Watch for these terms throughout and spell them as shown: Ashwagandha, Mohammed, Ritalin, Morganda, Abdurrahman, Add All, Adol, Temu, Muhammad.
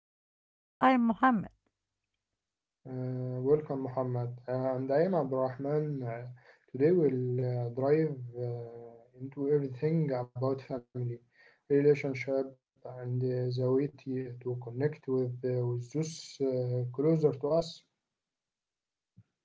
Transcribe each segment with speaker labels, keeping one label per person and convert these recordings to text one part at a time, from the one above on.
Speaker 1: ties. And I'm Mohammed.
Speaker 2: Welcome, Muhammad. And I am Abdurrahman. Today we'll drive into everything about family, relationship, and the way to connect with those closer to us.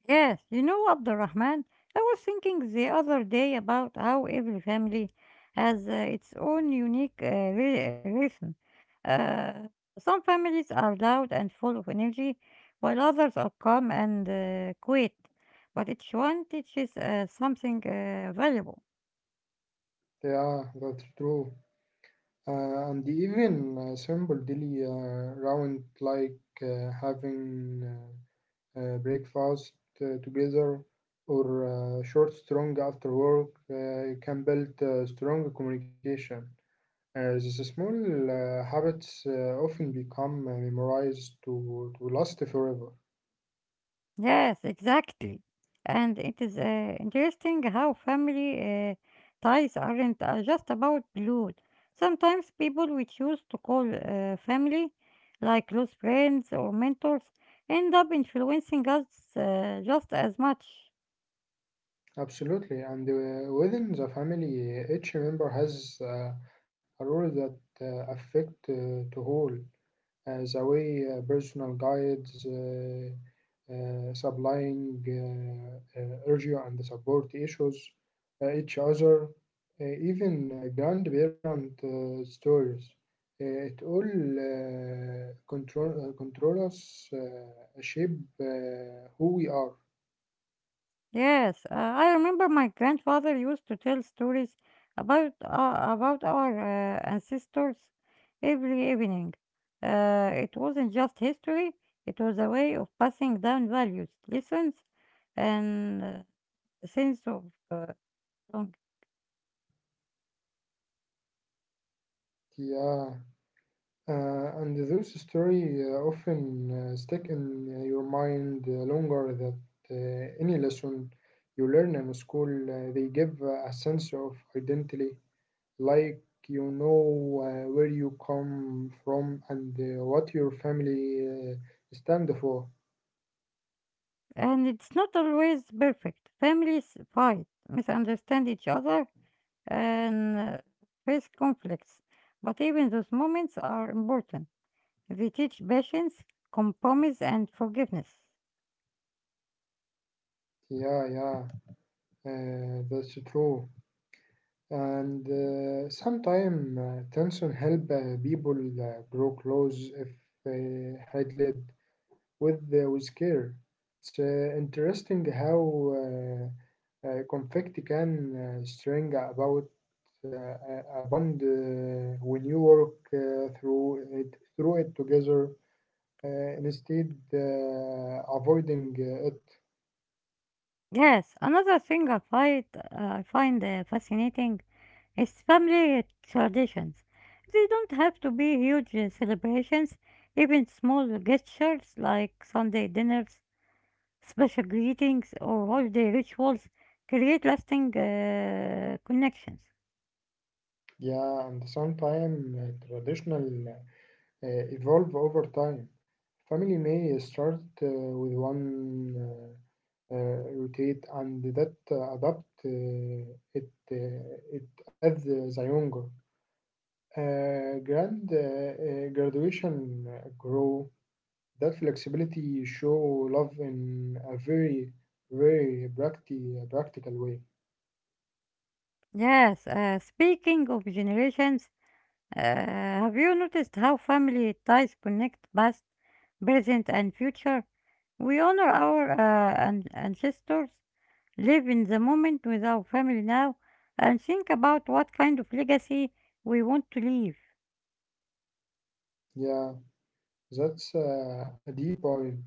Speaker 1: Yes, you know, Abdurrahman, I was thinking the other day about how every family has its own unique rhythm. Uh, some families are loud and full of energy, while others are calm and quiet. But each one teaches something valuable.
Speaker 2: Yeah, that's true. And even simple daily round like having breakfast together, or short strong after work can build strong communication. These small habits often become memorized to last forever.
Speaker 1: Yes, exactly. And it is interesting how family ties aren't just about blood. Sometimes people we choose to call family, like close friends or mentors, end up influencing us just as much.
Speaker 2: Absolutely, and within the family, each member has a role that affect the whole. The way personal guides, supplying urgent and support issues, each other, even grandparent stories. It all control us, shape who we are.
Speaker 1: Yes, I remember my grandfather used to tell stories about our ancestors every evening. It wasn't just history; it was a way of passing down values, lessons, and a sense of uh, belonging.
Speaker 2: Yeah, and those stories often stick in your mind longer than any lesson you learn in school. They give a sense of identity like you know where you come from and what your family stand for.
Speaker 1: And it's not always perfect. Families fight, misunderstand each other, and face conflicts. But even those moments are important. They teach patience, compromise, and forgiveness.
Speaker 2: Yeah, that's true. And sometimes tension help people grow close if handled with, with care. It's interesting how conflict can string about uh, a bond when you work through it together. Instead avoiding it.
Speaker 1: Yes, another thing I find fascinating is family traditions. They don't have to be huge celebrations, even small gestures like Sunday dinners, special greetings, or holiday rituals create lasting connections.
Speaker 2: Yeah, and sometimes traditional evolve over time. Family may start with one rotate and that adapt it it as the younger. Grand graduation grow that flexibility show love in a very practical way.
Speaker 1: Yes, speaking of generations, have you noticed how family ties connect past, present, and future? We honor our ancestors, live in the moment with our family now, and think about what kind of legacy we want to leave.
Speaker 2: Yeah, that's a deep point.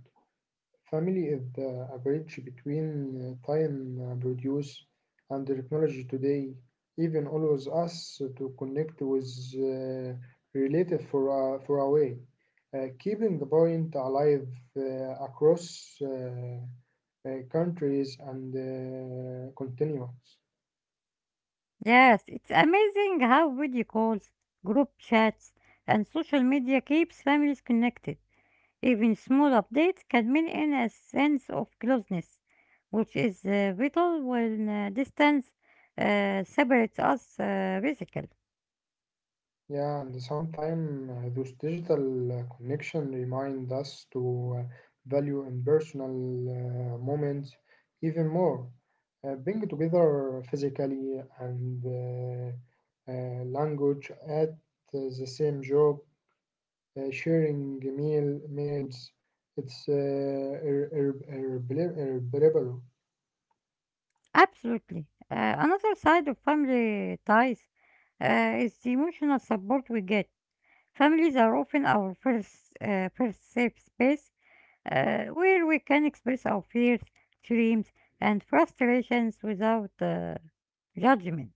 Speaker 2: Family is a bridge between time produce and the technology today. Even allows us to connect with uh, relative for, for a way. Keeping the point alive across countries and continents.
Speaker 1: Yes, it's amazing how video calls, group chats, and social media keeps families connected. Even small updates can mean in a sense of closeness, which is vital when distance separates us physically.
Speaker 2: Yeah, and sometimes those digital connection remind us to value in personal moments even more. Being together physically and language at the same job, sharing meals, it's irreparable.
Speaker 1: Absolutely. Another side of family ties is the emotional support we get. Families are often our first safe space where we can express our fears, dreams, and frustrations without judgment.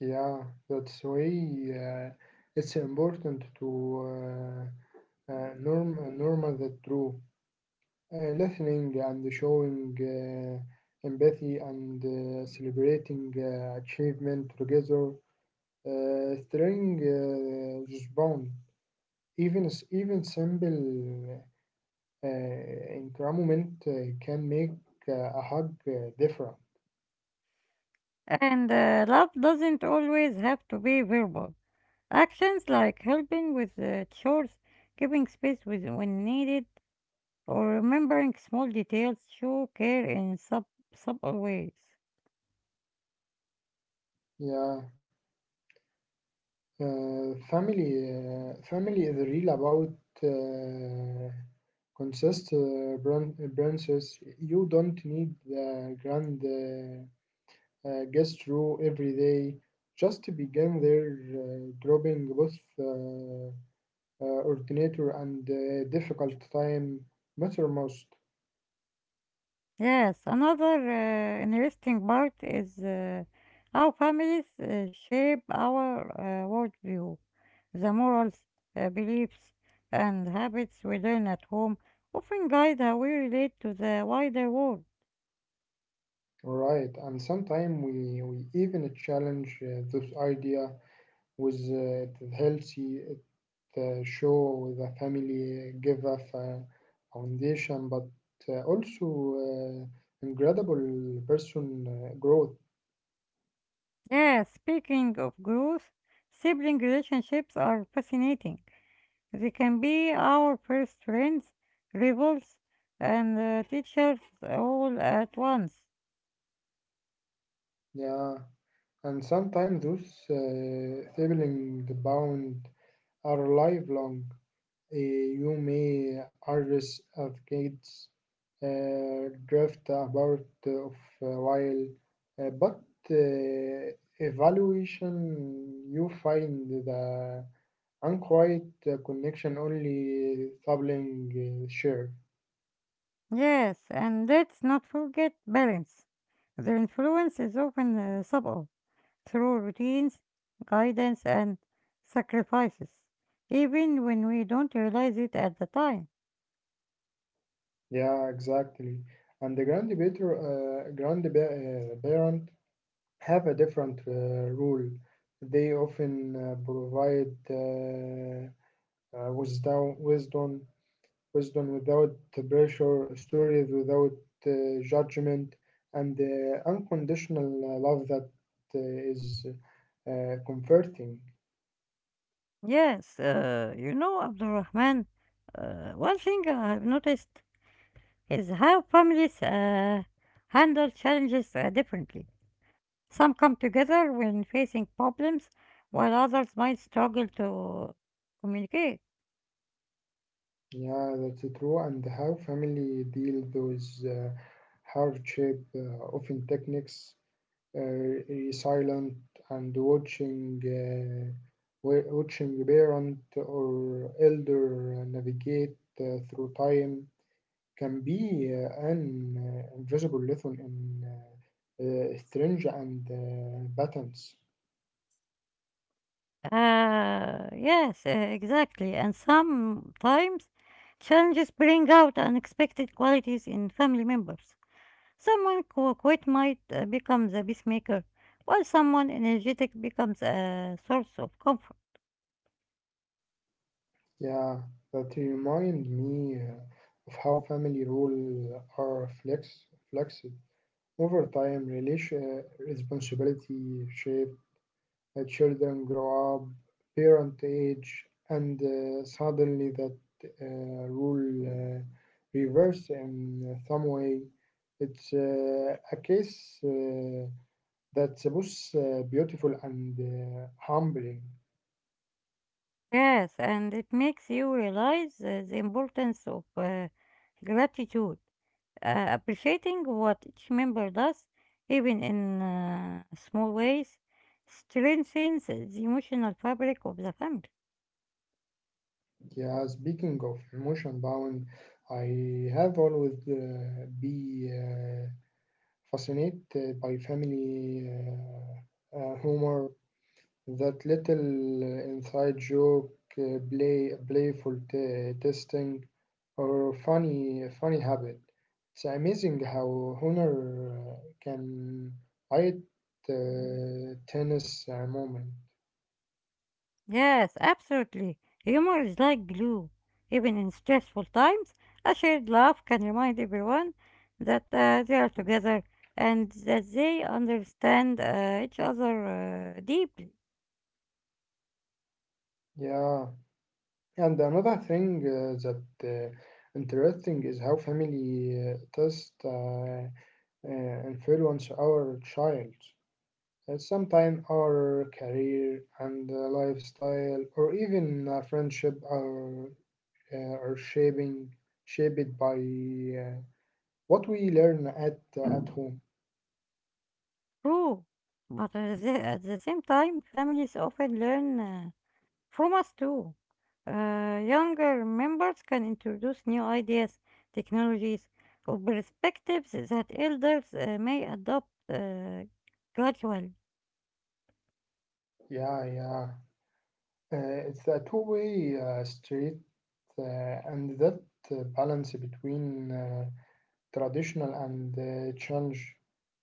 Speaker 2: Yeah, that's why it's important to uh, normal that true. uh, Listening and showing empathy and celebrating achievement together, strengthening this bond. Even simple encouragement can make a hug different.
Speaker 1: And love doesn't always have to be verbal. Actions like helping with the chores, giving space with, when needed, or remembering small details show care in subtle ways.
Speaker 2: Yeah, family is real about. Consist branches. You don't need the grand. Gets through every day just to begin their dropping both uh, ordinator and difficult time mattermost.
Speaker 1: Yes, another interesting part is how families shape our worldview. The morals, beliefs, and habits we learn at home often guide how we relate to the wider world.
Speaker 2: Right, and sometimes we even challenge this idea with the healthy it, show the family give a foundation, but also incredible person growth.
Speaker 1: Yes, speaking of growth, sibling relationships are fascinating. They can be our first friends, rivals, and teachers all at once.
Speaker 2: Yeah. And sometimes those sibling bound are lifelong. You may argue of kids drift about of a while, but uh, evaluation you find the unquiet connection only sibling share.
Speaker 1: Yes, and let's not forget parents. Their influence is often subtle through routines, guidance, and sacrifices, even when we don't realize it at the time.
Speaker 2: Yeah, exactly. And the grandparent have a different rule. They often provide uh, wisdom, wisdom, wisdom without pressure, stories without judgment, and unconditional love that is comforting.
Speaker 1: Yes, you know, Abdulrahman, one thing I've noticed is how families handle challenges differently. Some come together when facing problems, while others might struggle to communicate.
Speaker 2: Yeah, that's true. And how family deal with hardship, often techniques uh, silent and watching watching parent or elder navigate through time can be an invisible lesson in strange and patterns.
Speaker 1: Yes, exactly. And sometimes challenges bring out unexpected qualities in family members. Someone who quit might become the peacemaker, while someone energetic becomes a source of comfort.
Speaker 2: Yeah, that remind me of how family rules are flexed over time. Relation responsibility shape children grow up, parent age, and suddenly that uh, rule reverse in some way. It's a case that's both beautiful and humbling.
Speaker 1: Yes, and it makes you realize the importance of gratitude. Appreciating what each member does, even in small ways, strengthens the emotional fabric of the family.
Speaker 2: Yeah, speaking of emotion bound, I have always be fascinated by family humor. That little inside joke, playful testing, or funny habit. It's amazing how honor can light tennis moment.
Speaker 1: Yes, absolutely. Humor is like glue. Even in stressful times, a shared laugh can remind everyone that they are together and that they understand each other deeply.
Speaker 2: Yeah, and another thing that interesting is how family test influence our child. And sometimes our career and lifestyle, or even friendship, are shaping shaped by what we learn at, at home.
Speaker 1: True. But at at the same time, families often learn. From us too. Younger members can introduce new ideas, technologies, or perspectives that elders may adopt gradually.
Speaker 2: Yeah. It's a two-way street, and that balance between traditional and change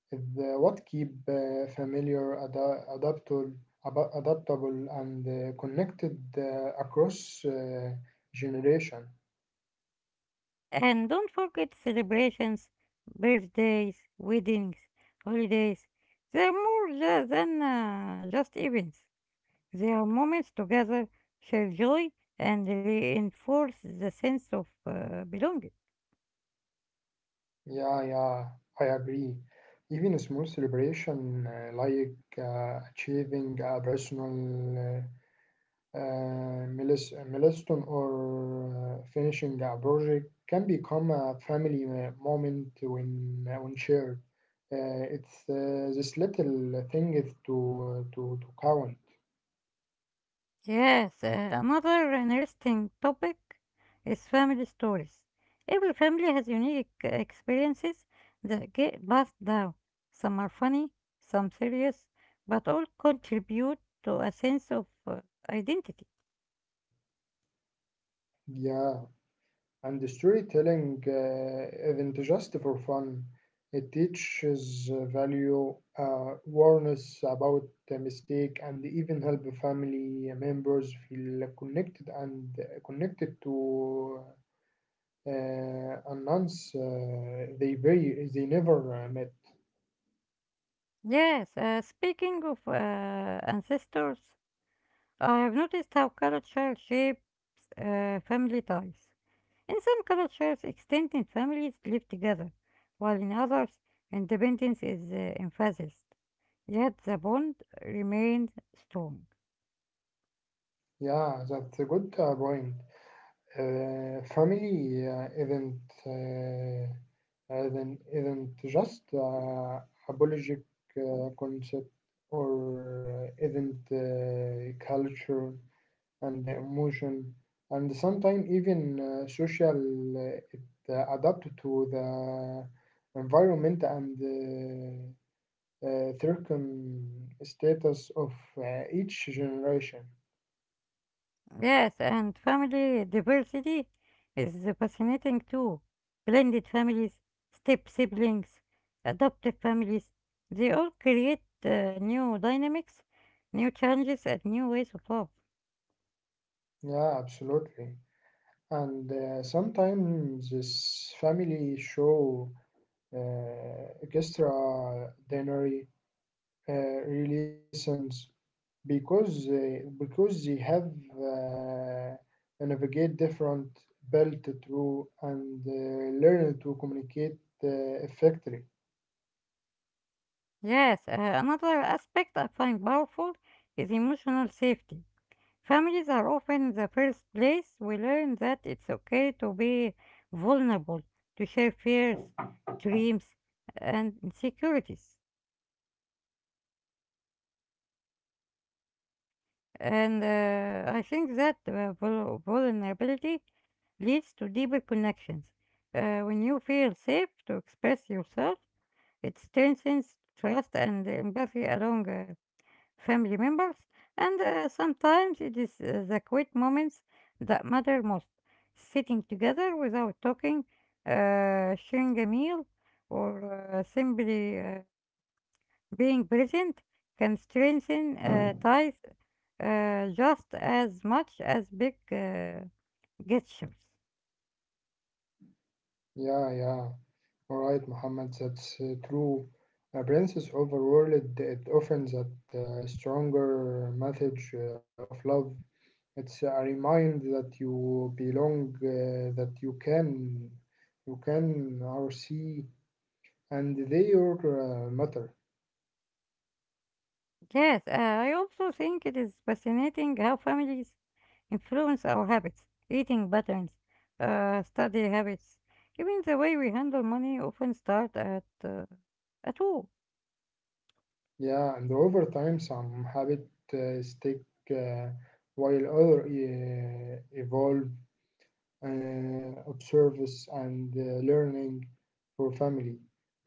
Speaker 2: the what keep adaptable, adaptable, and connected across generation.
Speaker 1: And don't forget celebrations, birthdays, weddings, holidays. They're more than just events. They are moments together, share joy, and reinforce the sense of belonging.
Speaker 2: Yeah, yeah, I agree. Even a small celebration like achieving a personal milestone or finishing a project can become a family moment when, when shared. It's this little thing is to to count.
Speaker 1: Yes, another interesting topic is family stories. Every family has unique experiences that get passed down. Some are funny, some serious, but all contribute to a sense of identity.
Speaker 2: Yeah, and the storytelling isn't just for fun. It teaches value, awareness about the mistake, and even help family members feel connected and connected to announce they never met.
Speaker 1: Yes, speaking of ancestors, I have noticed how culture shapes family ties. In some cultures, extended families live together, while in others, independence is emphasized. Yet the bond remains strong.
Speaker 2: Yeah, that's a good point. Uh, family uh, isn't uh, isn't isn't just a biologic concept or isn't culture and the emotion and sometimes even social it adapt to the environment and circum status of each generation.
Speaker 1: Yes, and family diversity is fascinating too. Blended families, step siblings, adoptive families, they all create new dynamics, new challenges, and new ways of love.
Speaker 2: Yeah, absolutely. And sometimes this family show extraordinary uh, relations because they have navigate different belt through and learn to communicate uh, effectively.
Speaker 1: Yes, another aspect I find powerful is emotional safety. Families are often the first place we learn that it's okay to be vulnerable, to share fears, dreams, and insecurities. And I think that vulnerability leads to deeper connections. When you feel safe to express yourself, it strengthens trust and empathy along family members, and sometimes it is the quiet moments that matter most. Sitting together without talking, sharing a meal, or simply being present can strengthen ties just as much as big gestures.
Speaker 2: Yeah, yeah. All right, Muhammad, that's true. Appearances, princess overworld, it often that stronger message of love. It's a reminder that you belong, that you can or see, and they are matter.
Speaker 1: Yes, I also think it is fascinating how families influence our habits, eating patterns, study habits. Even the way we handle money often start at home.
Speaker 2: Yeah, and over time, some habit stick while other evolve. Of service and learning for family.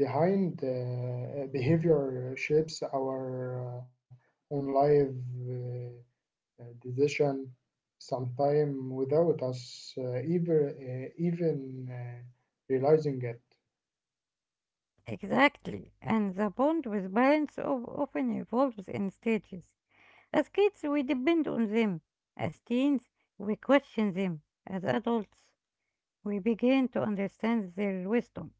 Speaker 2: Behind behavior shapes our own life uh, decision, sometimes without us even realizing it.
Speaker 1: Exactly, and the bond with parents often evolves in stages. As kids, we depend on them. As teens, we question them. As adults, we begin to understand their wisdom.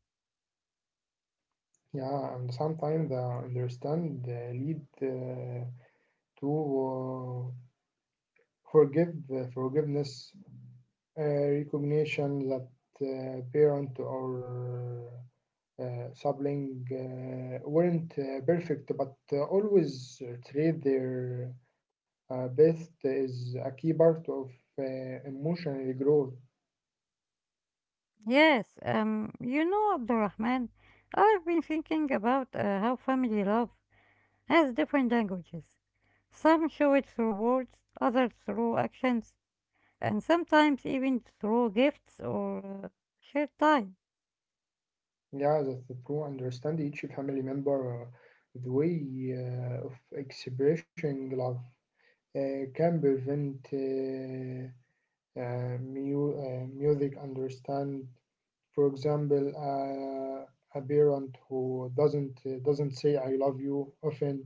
Speaker 2: Yeah, and sometimes the understand lead to forgiveness, recognition that parent or Sapling weren't perfect, but always treat their best is a key part of uh, emotional growth.
Speaker 1: Yes, you know, Abdurrahman, I've been thinking about how family love has different languages. Some show it through words, others through actions, and sometimes even through gifts or shared time.
Speaker 2: Yeah, that's the true. Understand each family member, the way of expressing love can prevent music understand for example a parent who doesn't say I love you often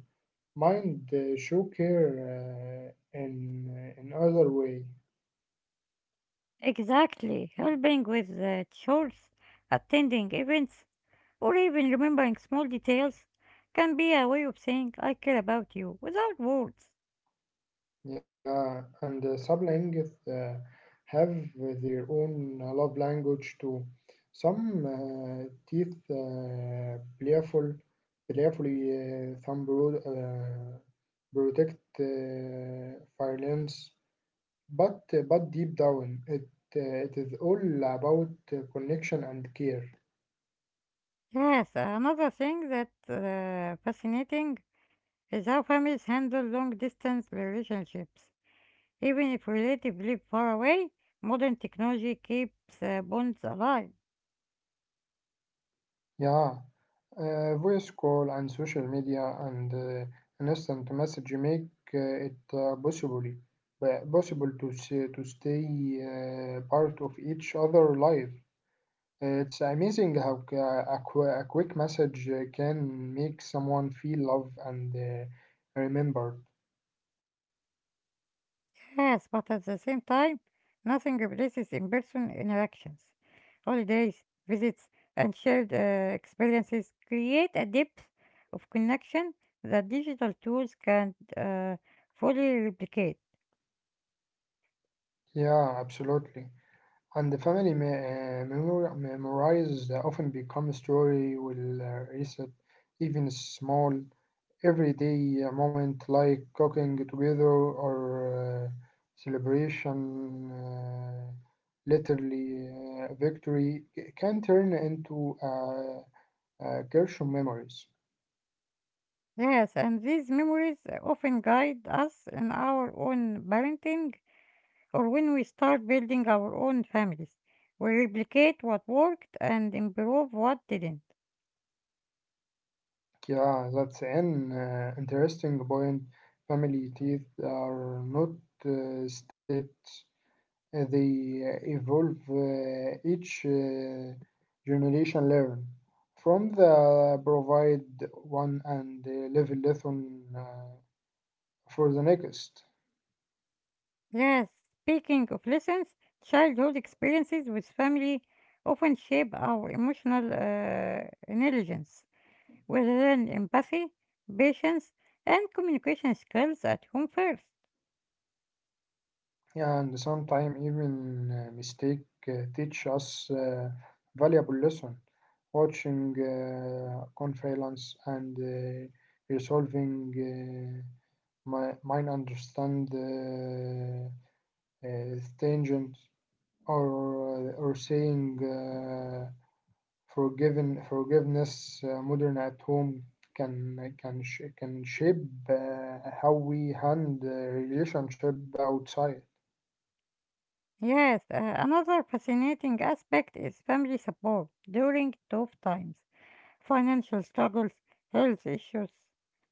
Speaker 2: mind show care in other way.
Speaker 1: Exactly, helping with the chores, attending events, or even remembering small details can be a way of saying I care about you without words.
Speaker 2: Yeah, and sublanguage have their own love language too. Some teeth playful playfully protect violence. But, deep down, it it is all about connection and care.
Speaker 1: Yes, another thing that fascinating is how families handle long distance relationships. Even if relatives live far away, modern technology keeps bonds alive.
Speaker 2: Yeah, voice call and social media and an instant message make it possible to to stay part of each other life. It's amazing how a quick message can make someone feel loved and remembered.
Speaker 1: Yes, but at the same time, nothing replaces in person interactions. Holidays, visits, and shared experiences create a depth of connection that digital tools can't fully replicate.
Speaker 2: Yeah, absolutely. And the family memories often become story will reset. Even small everyday moment like cooking together or uh, celebration uh, literally can turn into Gershom memories.
Speaker 1: Yes, and these memories often guide us in our own parenting or when we start building our own families. We replicate what worked and improve what didn't.
Speaker 2: Yeah, that's an interesting point. Family teeth are not states, they evolve. Each generation learn from the provide one and level lesson for the next.
Speaker 1: Yes, speaking of lessons, childhood experiences with family often shape our emotional intelligence. We learn empathy, patience, and communication skills at home first.
Speaker 2: And sometimes even mistake teach us valuable lesson watching conference and resolving uh, my mind understand tangent or saying forgiveness modern at home can shape how we handle relationship outside.
Speaker 1: Yes, another fascinating aspect is family support during tough times, financial struggles, health issues,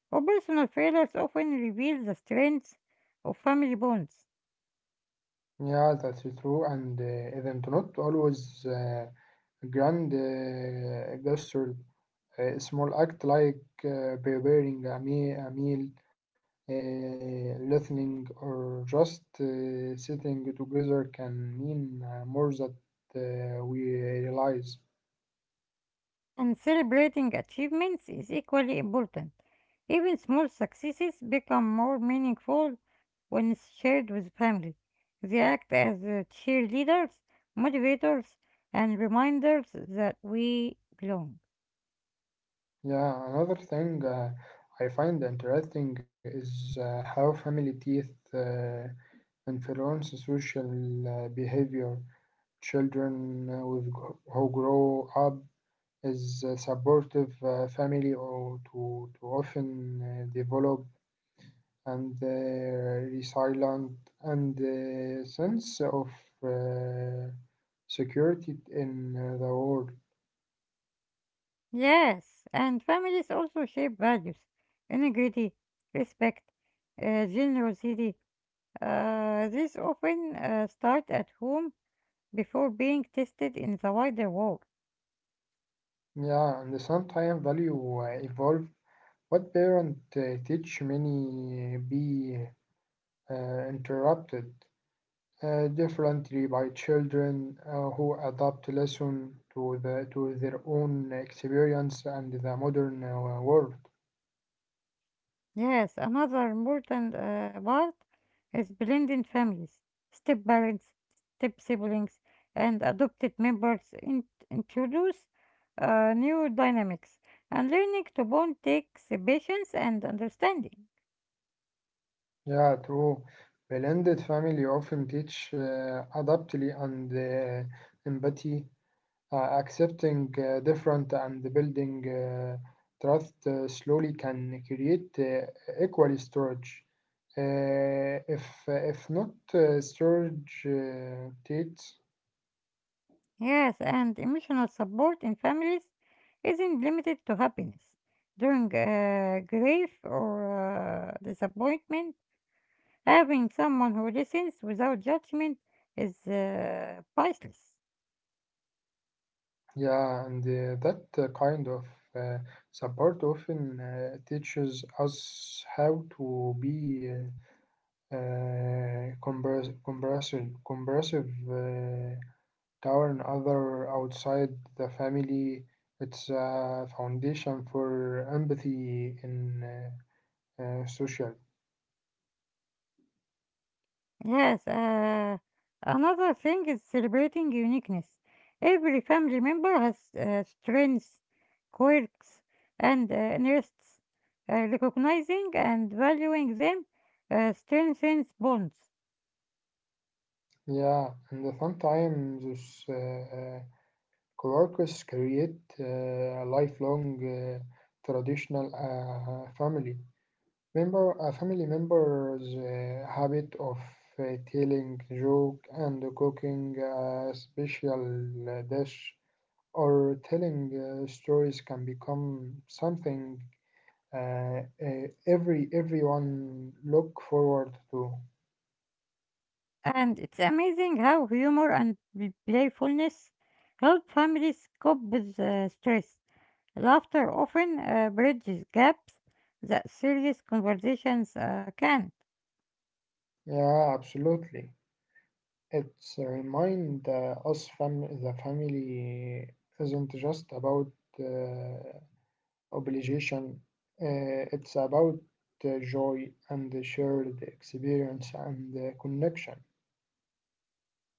Speaker 1: or personal failures often reveal the strengths of family bonds.
Speaker 2: Yeah, that's true. And isn't not always grand gesture. A small act like a meal, listening, or just sitting together can mean more than we realize.
Speaker 1: And celebrating achievements is equally important. Even small successes become more meaningful when shared with family. They act as cheerleaders, motivators, and reminders that we belong.
Speaker 2: Yeah, another thing I find interesting is how family teeth influence social behavior. Children who grow up is supportive family or, to often develop and resilient and sense of uh, security in the world.
Speaker 1: Yes, and families also shape values integrity, respect, generosity. These often start at home before being tested in the wider world.
Speaker 2: Yeah, and sometimes value evolve. What parent teach many be interrupted differently by children who adapt lesson to the, to their own experience and the modern world.
Speaker 1: Yes, another important part is blending families, step parents, step siblings, and adopted members introduce new dynamics, and learning to bond takes patience and understanding.
Speaker 2: Yeah, true. Blended family often teach adaptability and uh, empathy, accepting different and building trust slowly can create equal storage. If if not storage dates,
Speaker 1: Yes, and emotional support in families isn't limited to happiness. During grief or disappointment, having someone who listens without judgment is priceless.
Speaker 2: yeah, and that kind of uh, support often teaches us how to be compressive, compressive tower and other outside the family. It's a foundation for empathy in social.
Speaker 1: Yes, another thing is celebrating uniqueness. Every family member has strengths, quirks, and interests. Recognizing and valuing them strengthens bonds.
Speaker 2: Yeah, and sometimes those coworkers create a lifelong traditional family. Member, a family member's habit of telling joke and cooking a special dish or telling stories can become something everyone look forward to.
Speaker 1: And it's amazing how humor and playfulness help families cope with stress. Laughter often bridges gaps that serious conversations can.
Speaker 2: Yeah, absolutely. It's a remind us fam the family isn't just about uh, obligation. It's about joy and the shared experience and the connection.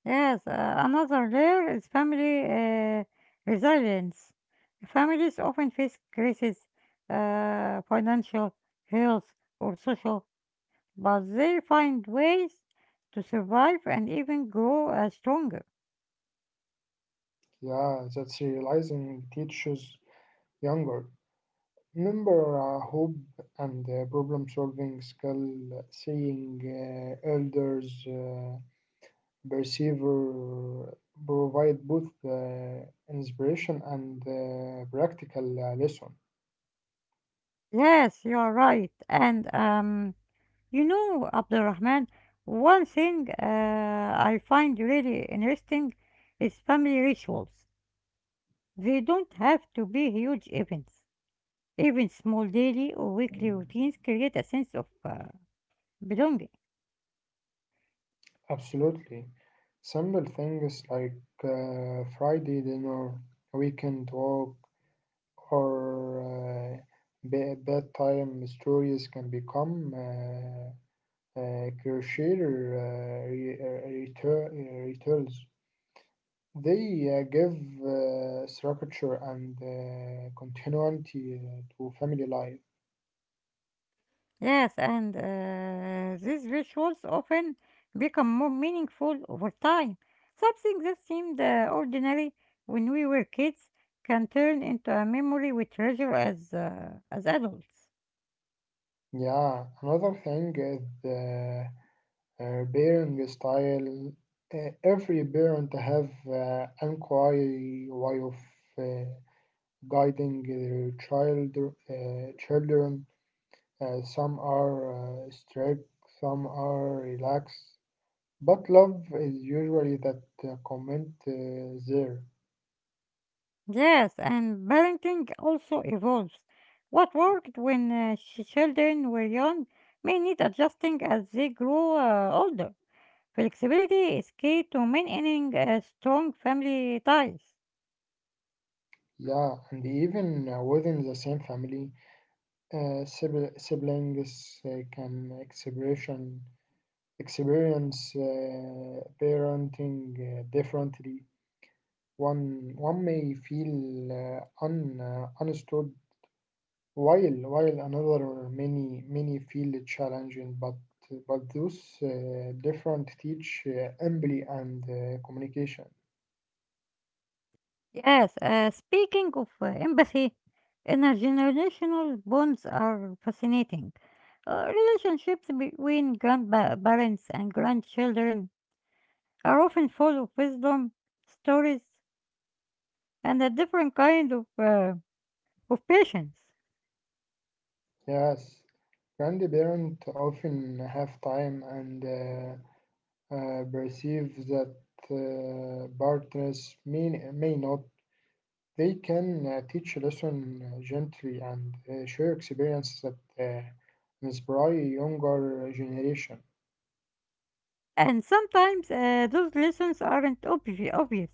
Speaker 1: Yes, another layer is family resilience. Families often face crises, financial, health, or social, but they find ways to survive and even grow stronger.
Speaker 2: Yeah, that's realizing teaches younger. Remember hope and problem solving skill, seeing elders, perceiver provide both inspiration and practical lesson.
Speaker 1: Yes, you are right. And you know, Abdurrahman, one thing I find really interesting is family rituals. They don't have to be huge events. Even small daily or weekly routines create a sense of belonging.
Speaker 2: Absolutely. Simple things like Friday dinner, weekend walk, or bedtime stories can become crucial rituals. They give structure and continuity to family life.
Speaker 1: Yes, and these rituals often become more meaningful over time. Something that seemed ordinary when we were kids can turn into a memory we treasure as adults.
Speaker 2: Yeah, another thing is the parenting style. Every parent have an way of uh, guiding their child, children. Some are strict, some are relaxed. But love is usually that comment there.
Speaker 1: Yes, and parenting also evolves. What worked when children were young may need adjusting as they grow older. Flexibility is key to maintaining strong family ties.
Speaker 2: Yeah, and even within the same family, siblings can expression experience parenting differently. One may feel understood while while another many feel challenging. But those different teach empathy and communication.
Speaker 1: Yes, speaking of empathy, intergenerational bonds are fascinating. Relationships between grandparents and grandchildren are often full of wisdom, stories, and a different kind of patience.
Speaker 2: Yes, grandparents often have time and perceive that partners may not. They can teach a lesson gently and share experience that uh, inspire younger generation.
Speaker 1: And sometimes those lessons aren't obvious.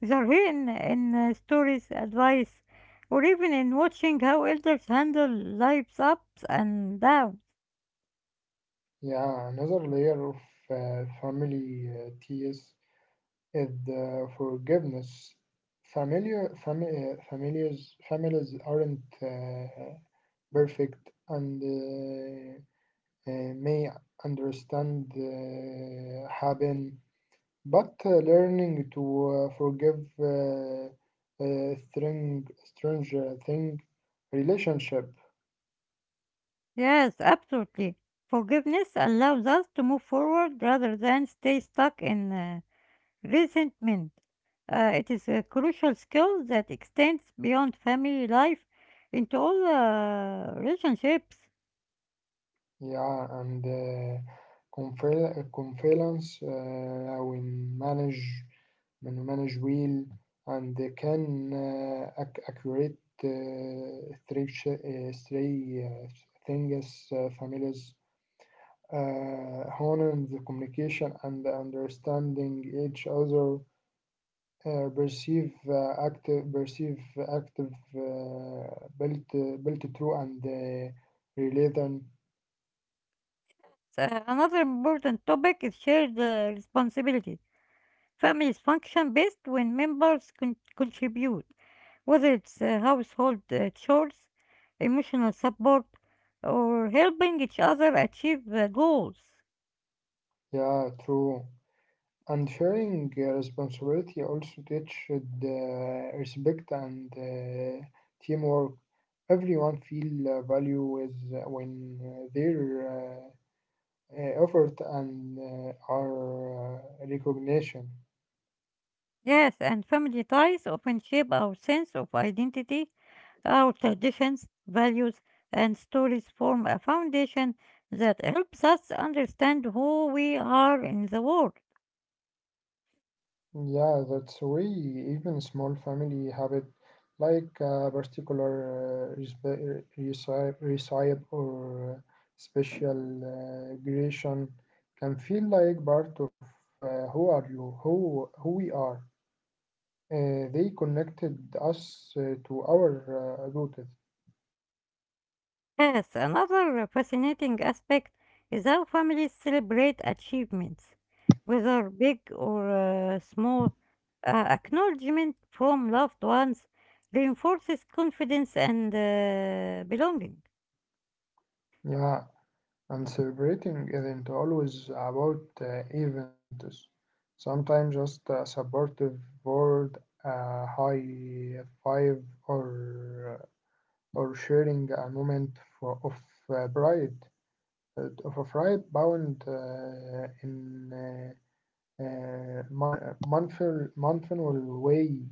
Speaker 1: They're hidden in stories, advice, or even in watching how elders handle life's ups and downs.
Speaker 2: Yeah, another layer of family ties is the forgiveness. Families aren't perfect and may understand happen. But learning to forgive strange thing, relationship,
Speaker 1: Yes, absolutely. Forgiveness allows us to move forward rather than stay stuck in resentment. It is a crucial skill that extends beyond family life into all relationships.
Speaker 2: yeah, and confidence, we manage, manage well, and they can accurate three things, families, honing the communication and understanding each other. Perceive active uh, built built through and relay them.
Speaker 1: Another important topic is shared responsibility. Families function best when members contribute, whether it's household chores, emotional support, or helping each other achieve goals.
Speaker 2: Yeah, true. And sharing responsibility also teach respect and teamwork. Everyone feel value with when their effort and are recognition.
Speaker 1: Yes, and family ties often shape our sense of identity, our traditions, values, and stories form a foundation that helps us understand who we are in the world.
Speaker 2: Yeah, that's way even small family habit like a particular recipe or special creation can feel like part of who are you, who we are. They connected us to our roots.
Speaker 1: Yes, another fascinating aspect is how families celebrate achievements, whether big or small. Uh, acknowledgement from loved ones reinforces confidence and belonging.
Speaker 2: Yeah, and celebrating isn't always about events. Sometimes just a supportive word, a high five, or sharing a moment of pride, of a pride bound in mindful way.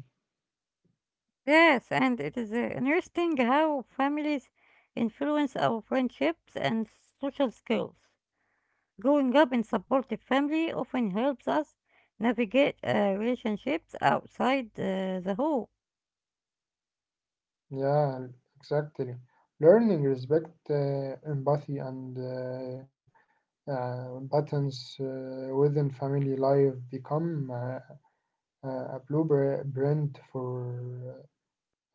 Speaker 1: Yes, and it is interesting how families influence our friendships and social skills. Growing up in supportive family often helps us navigate relationships outside the home.
Speaker 2: Yeah, exactly. Learning respect, empathy, and buttons within family life become a blueprint for uh,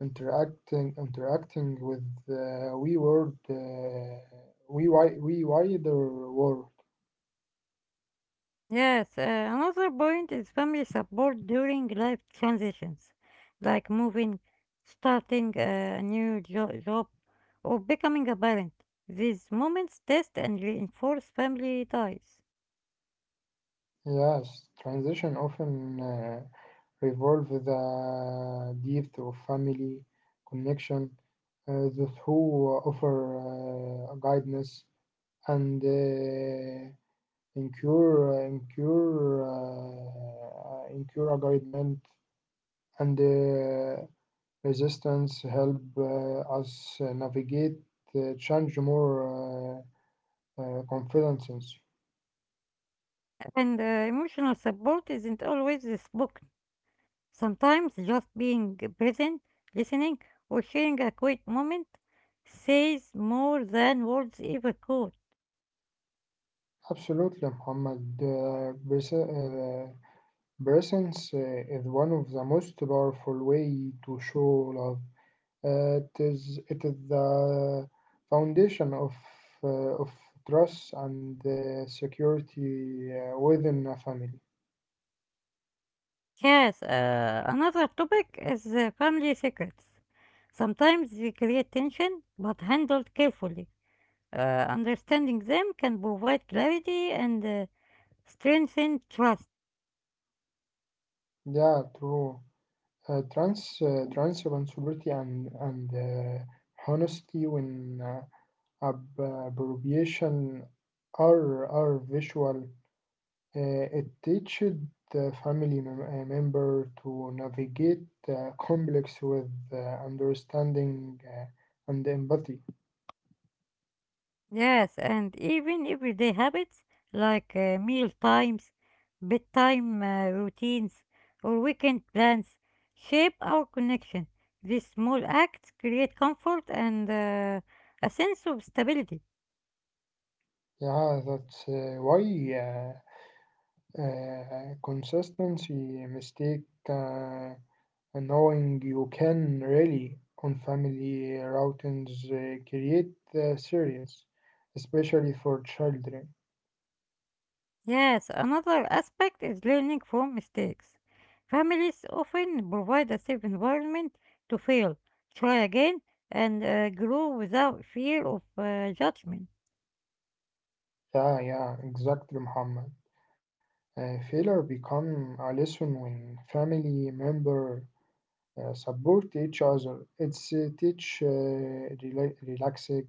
Speaker 2: interacting with the we world we wi- we wider world.
Speaker 1: Yes, another point is family support during life transitions, like moving, starting a job, or becoming a parent. These moments test and reinforce family ties.
Speaker 2: Yes, transition often revolve the depth of family connection. Those who offer guidance and incur agreement and resistance help us navigate change more confidences.
Speaker 1: And emotional support isn't always spoken. Sometimes just being present, listening, or sharing a quick moment says more than words ever could.
Speaker 2: Absolutely, Muhammad. Presence is one of the most powerful way to show love. It is the foundation of trust and security within a family.
Speaker 1: Yes, another topic is family secrets. Sometimes they create tension, but handled carefully. Understanding them can provide clarity and strengthen trust.
Speaker 2: Yeah, true. Transparency and honesty when ab- abbreviation are visual. It teaches the family member to navigate complex with understanding and empathy.
Speaker 1: Yes, and even everyday habits like meal times, bedtime routines, or weekend plans shape our connection. These small acts create comfort and a sense of stability.
Speaker 2: Yeah, that's why consistency mistake uh, knowing you can really on family routines create serious, especially for children.
Speaker 1: Yes, another aspect is learning from mistakes. Families often provide a safe environment to fail, try again, and grow without fear of judgment.
Speaker 2: Yeah, yeah, exactly, Muhammad. Failure become a lesson when family member support each other. It's teach relaxing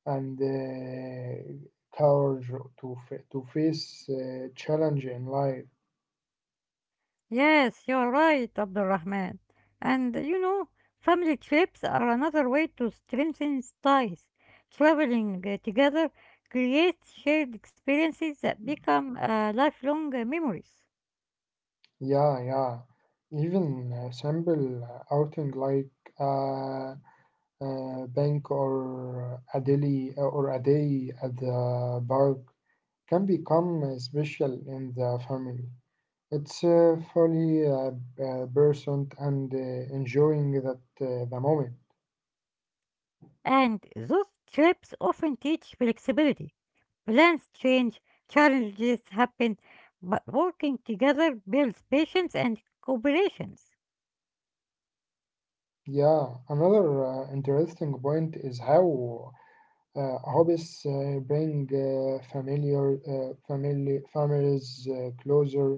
Speaker 2: and courage to to face challenge in life.
Speaker 1: Yes, you are right, Abdulrahman. And you know, family trips are another way to strengthen ties. Traveling together creates shared experiences that become lifelong memories.
Speaker 2: Yeah, yeah. Even a simple outing like a, a bank or a daily or a day at the park can become special in the family. It's fully present and enjoying that the moment.
Speaker 1: And those trips often teach flexibility. Plans change, challenges happen, but working together builds patience and cooperations.
Speaker 2: Yeah, another interesting point is how hobbies bring familiar family families closer.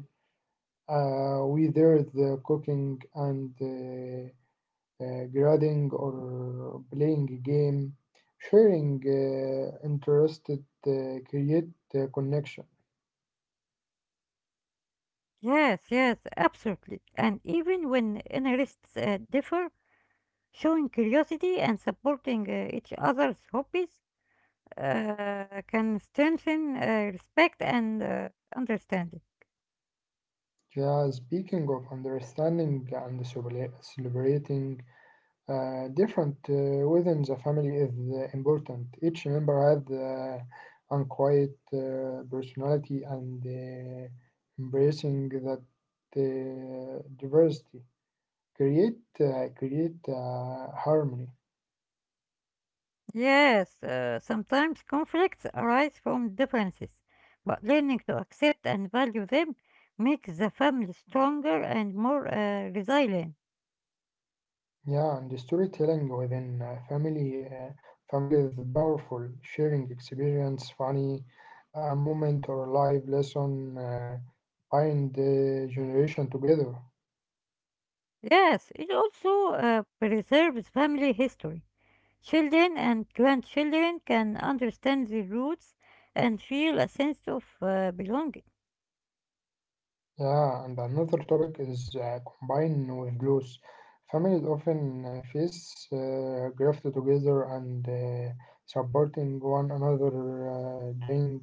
Speaker 2: Whether the cooking and grading or playing a game, sharing interested create connection.
Speaker 1: Yes, yes, absolutely. And even when interests differ, showing curiosity and supporting each other's hobbies can strengthen respect and understanding.
Speaker 2: Yeah, speaking of understanding and celebrating different within the family is important. Each member has unquiet personality and embracing that diversity create harmony.
Speaker 1: Yes, sometimes conflicts arise from differences, but learning to accept and value them makes the family stronger and more resilient.
Speaker 2: Yeah, and the storytelling within family is powerful. Sharing experience, funny moment or life lesson bind the generation together.
Speaker 1: Yes, it also preserves family history. Children and grandchildren can understand the roots and feel a sense of belonging.
Speaker 2: Yeah, and another topic is combined with loss. Families often face graft together and supporting one another during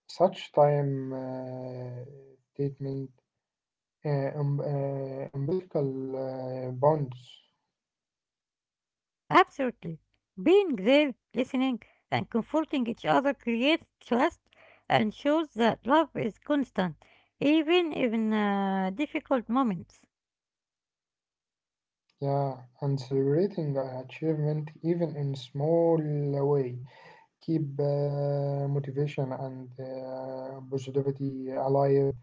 Speaker 2: such time statement umbilical bonds.
Speaker 1: Absolutely. Being there, listening, and comforting each other creates trust and shows that love is constant, even in difficult moments.
Speaker 2: Yeah, and celebrating an achievement even in small way keep motivation and positivity alive.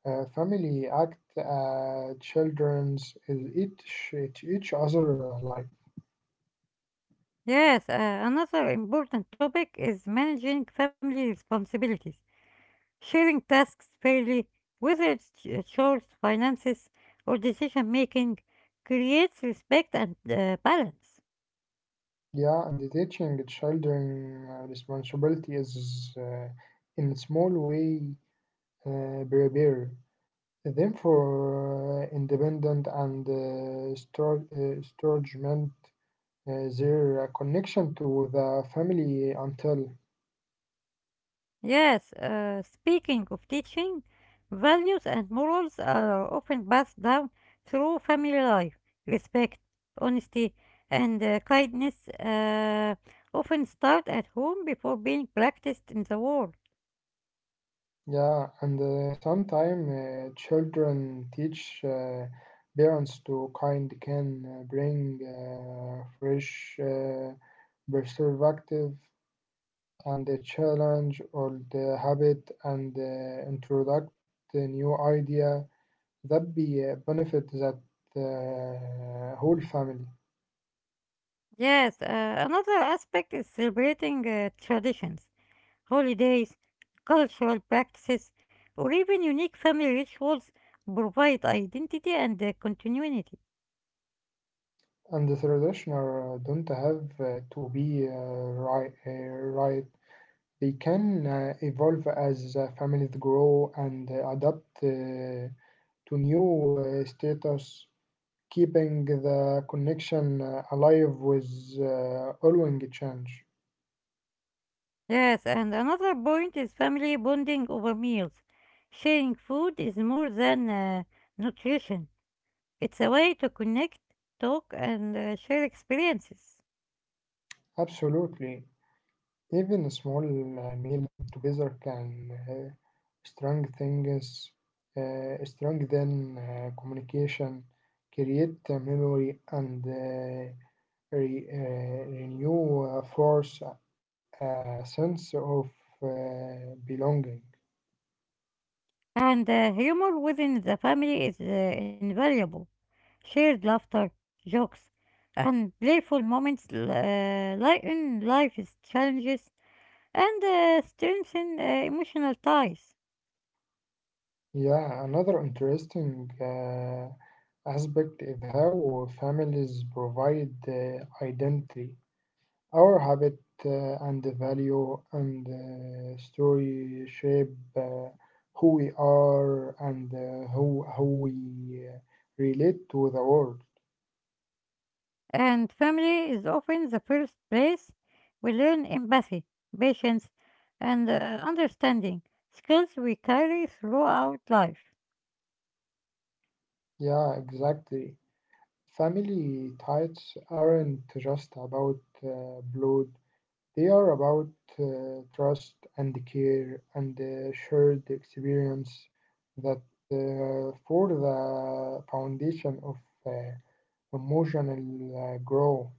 Speaker 2: Family act children's is each other like.
Speaker 1: Yes, another important topic is managing family responsibilities, sharing tasks fairly, whether it's chores, finances, or decision making, creates respect and balance.
Speaker 2: Yeah, and teaching the children responsibility is in a small way prepare them for independent and storagement their connection to the family until.
Speaker 1: Yes, speaking of teaching, values and morals are often passed down through family life. Respect, honesty, and kindness often start at home before being practiced in the world.
Speaker 2: Yeah, and sometimes children teach parents to kind can bring fresh perspective and the challenge or the habit and introduce the new idea that be benefit that whole family.
Speaker 1: Yes, another aspect is celebrating traditions, holidays, cultural practices, or even unique family rituals provide identity and continuity.
Speaker 2: And the traditional don't have to be right. They can evolve as families grow and adapt to new status, keeping the connection alive with ongoing change.
Speaker 1: Yes, and another point is family bonding over meals. Sharing food is more than nutrition, it's a way to connect, talk, and share experiences.
Speaker 2: Absolutely. Even small meals together can strengthen, us- strengthen communication, create a memory, and renew force a sense of belonging.
Speaker 1: And humor within the family is invaluable. Shared laughter, jokes, and playful moments lighten life's challenges and strengthen emotional ties.
Speaker 2: Yeah, another interesting aspect is how families provide identity. Our habit and the value and story shape who we are and how we relate to the world.
Speaker 1: And family is often the first place we learn empathy, patience, and understanding, skills we carry throughout life.
Speaker 2: Yeah, exactly. Family ties aren't just about blood, they are about trust and care and shared experience that for the foundation of uh, emotional growth.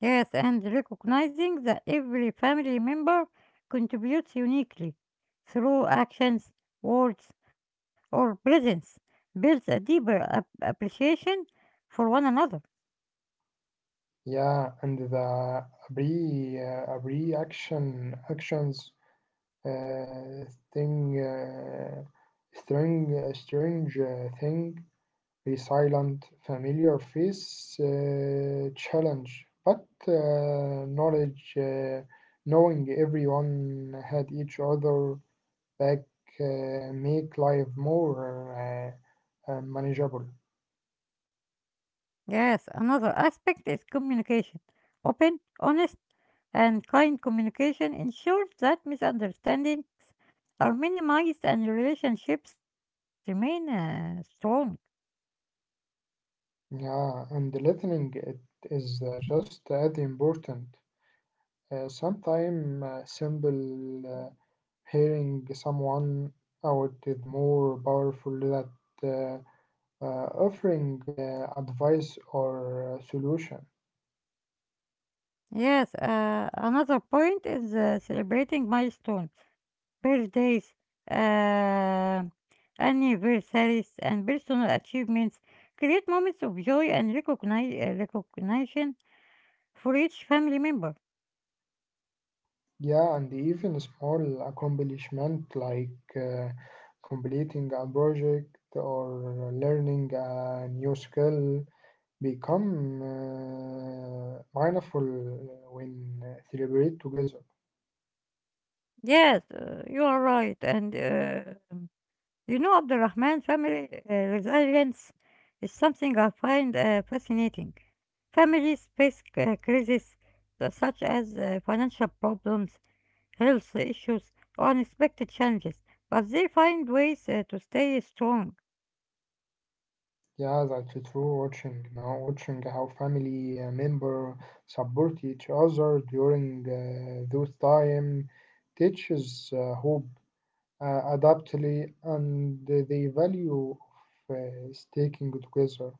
Speaker 1: Yes, and recognizing that every family member contributes uniquely through actions, words, or presence builds a deeper appreciation for one another.
Speaker 2: Yeah, and the reaction actions uh, thing, strange thing. A silent, familiar face challenge, but knowing everyone had each other back, make life more manageable.
Speaker 1: Yes, another aspect is communication, open, honest, and kind communication ensures that misunderstandings are minimized and relationships remain strong.
Speaker 2: Yeah, and listening it is just as important. Sometimes simple hearing someone out is more powerful than. uh, offering advice or solution.
Speaker 1: Yes, another point is celebrating milestones, birthdays, uh, anniversaries, and personal achievements. Create moments of joy and recognition for each family member.
Speaker 2: Yeah, and even a small accomplishment like completing a project or learning a new skill become mindful when celebrate together.
Speaker 1: Yes, you are right, and you know, Abdurrahman, family resilience is something I find fascinating. Families face crises such as financial problems, health issues, or unexpected challenges, but they find ways to stay strong.
Speaker 2: Yeah, that's true. Watching how family member support each other during those time teaches hope adaptly, and the value of sticking together.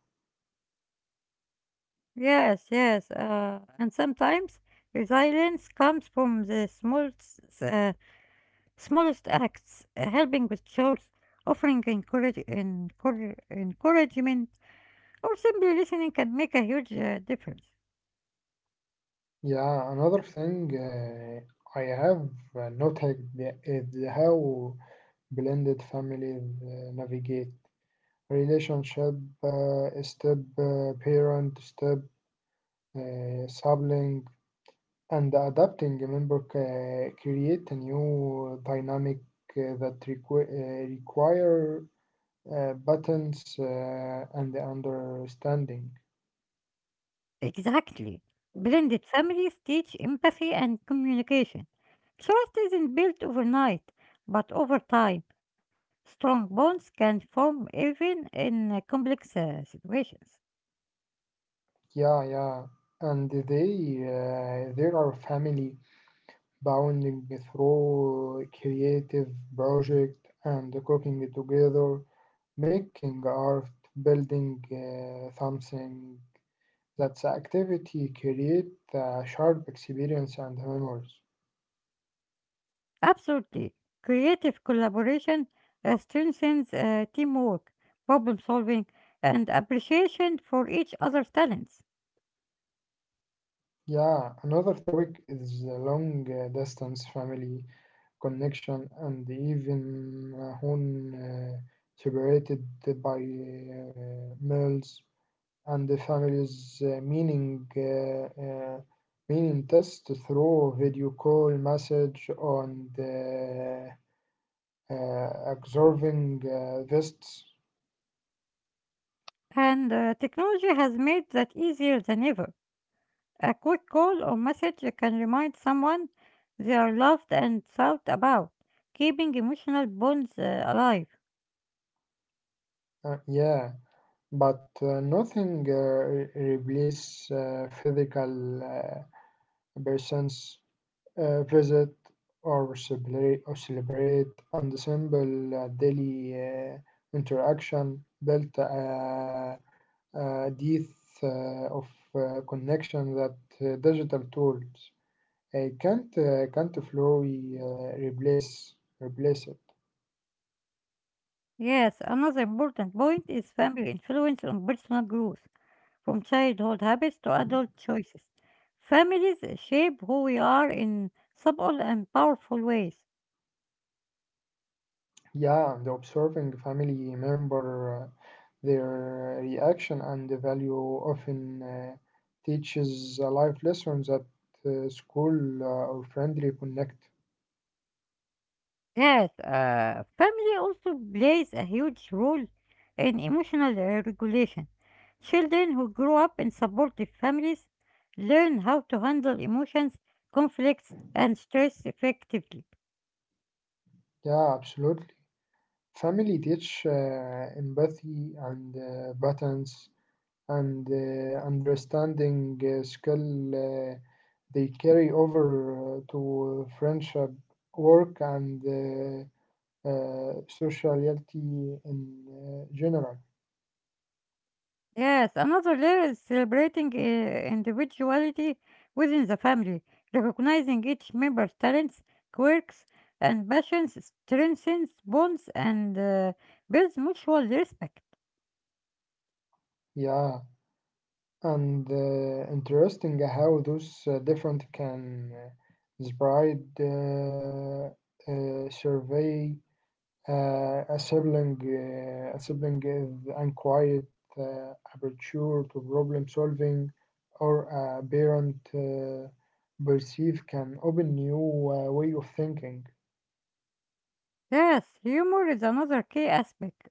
Speaker 1: Yes, yes, and sometimes resilience comes from the smallest acts, helping with chores, offering encouragement or simply listening can make a huge difference.
Speaker 2: Yeah, another thing I have noted is how blended families navigate relationship, step, parent, step, sibling, and adapting a member create a new dynamic that require buttons and understanding.
Speaker 1: Exactly. Blended families teach empathy and communication. Trust isn't built overnight, but over time, strong bonds can form even in complex situations.
Speaker 2: Yeah, yeah, and they are family bonding through creative project and cooking together, making art, building something. That's activity create a sharp experience and memories.
Speaker 1: Absolutely. Creative collaboration strengthens teamwork, problem solving, and appreciation for each other's talents.
Speaker 2: Yeah, another topic is the long distance family connection and even when uh, separated by miles. And the family's meaning test through video call message on the observing vests.
Speaker 1: And technology has made that easier than ever. A quick call or message can remind someone they are loved and thought about, keeping emotional bonds alive.
Speaker 2: Yeah, but nothing replace physical person's visit or celebrate and the simple daily interaction built. Depth of connection that digital tools can't fully replace it.
Speaker 1: Yes, another important point is family influence on personal growth, from childhood habits to adult choices. Families shape who we are in subtle and powerful ways.
Speaker 2: Yeah, and observing family member their reaction and the value often teaches a life lesson that school or friendly connect.
Speaker 1: Yes, family also plays a huge role in emotional regulation. Children who grow up in supportive families learn how to handle emotions, conflicts, and stress effectively.
Speaker 2: Yeah, absolutely. Family teach empathy and patterns and understanding skill they carry over to friendship, work, and sociality in general.
Speaker 1: Yes, another layer is celebrating individuality within the family. Recognizing each member's talents, quirks, and passions strengthens bonds and builds mutual respect.
Speaker 2: Yeah, and interesting how those different can inspire survey. A sibling, a sibling is unquiet aperture to problem solving, or a parent perceive can open new way of thinking.
Speaker 1: Yes, humor is another key aspect.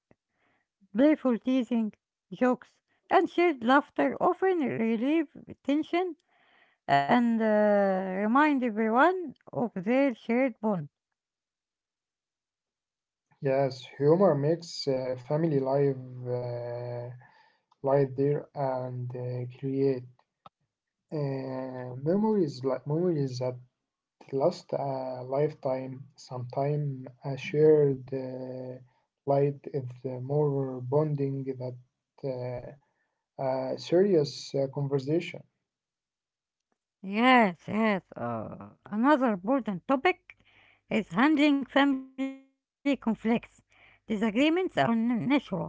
Speaker 1: Playful teasing, jokes, and shared laughter often relieve tension and remind everyone of their shared bond.
Speaker 2: Yes, humor makes family life uh, light there and create memories that last a lifetime. Sometimes a shared light is more bonding than a serious conversation.
Speaker 1: Yes, yes. Uh, another important topic is handling family conflicts. Disagreements are natural,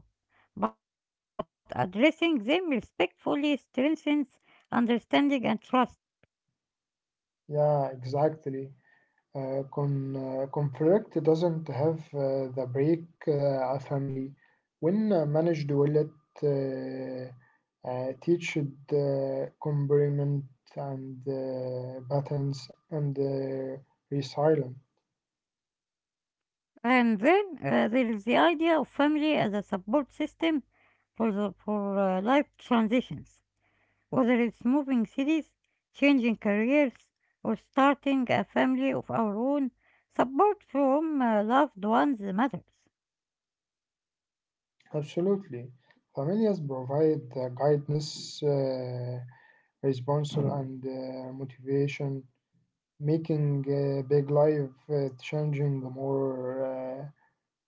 Speaker 1: but addressing them respectfully strengthens understanding and trust.
Speaker 2: Yeah, exactly. Conflict doesn't have the break a family. When managed well, it uh, teaches complement and balance and resilience.
Speaker 1: And then there is the idea of family as a support system for life transitions, whether it's moving cities, changing careers, or starting a family of our own. Support from loved ones matters.
Speaker 2: Absolutely. Families provide guidance, response, and motivation, making big life changing more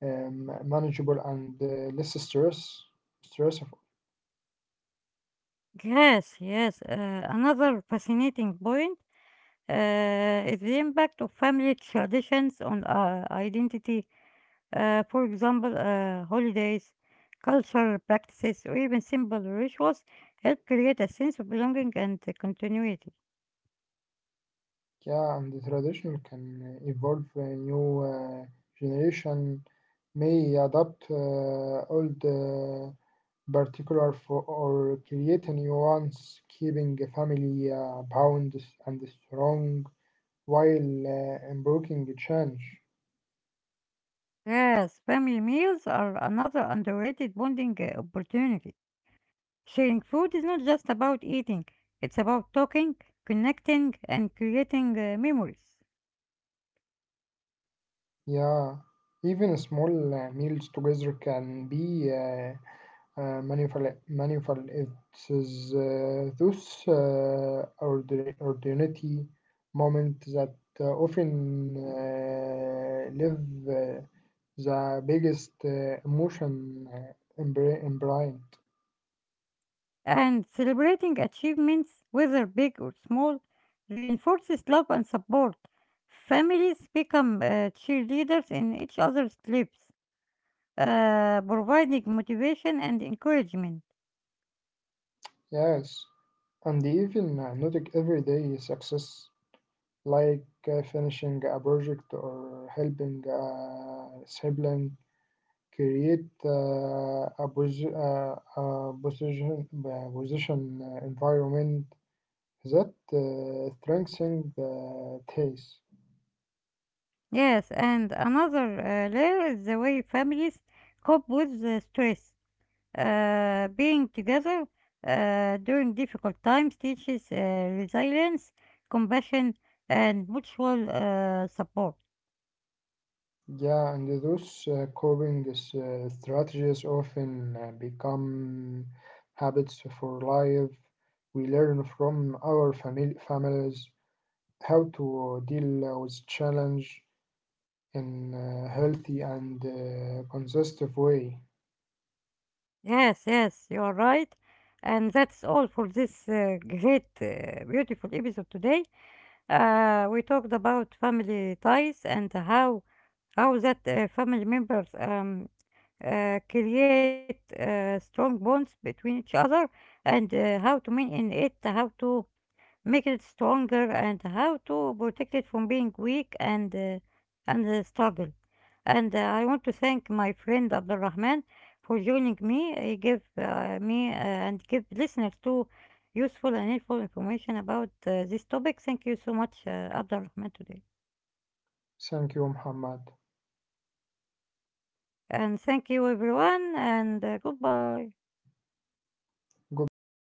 Speaker 2: manageable and less stress. Stressful.
Speaker 1: Yes, yes. Another fascinating point is the impact of family traditions on identity. For example, holidays, cultural practices, or even simple rituals help create a sense of belonging and continuity.
Speaker 2: Yeah, and the traditional can evolve. A new generation may adopt old. Particular for or create a nuance keeping a family bound and strong while embracing change.
Speaker 1: Yes, family meals are another underrated bonding opportunity. Sharing food is not just about eating, it's about talking, connecting, and creating memories.
Speaker 2: Yeah, even small meals together can be Manifold. It is those ordinary moments that often live uh, the biggest emotion embryo.
Speaker 1: And celebrating achievements, whether big or small, reinforces love and support. Families become cheerleaders in each other's lives, providing motivation and encouragement.
Speaker 2: Yes, and even noting everyday success like finishing a project or helping a sibling create a position environment that strengthens the taste.
Speaker 1: Yes, and another layer is the way families cope with the stress. Being together during difficult times teaches resilience, compassion, and mutual support.
Speaker 2: Yeah, and those coping strategies often become habits for life. We learn from our families how to deal with challenge in a healthy and consistent way.
Speaker 1: Yes, yes, you are right. And that's all for this great, beautiful episode today. We talked about family ties and how that family members create strong bonds between each other and how to maintain it, how to making it stronger and how to protect it from being weak and and struggle. And I want to thank my friend Abdul Rahman for joining me. He gave me and give listeners too useful and helpful information about this topic. Thank you so much, Abdul Rahman, today.
Speaker 2: Thank you, Muhammad.
Speaker 1: And thank you, everyone, and goodbye.
Speaker 2: Goodbye.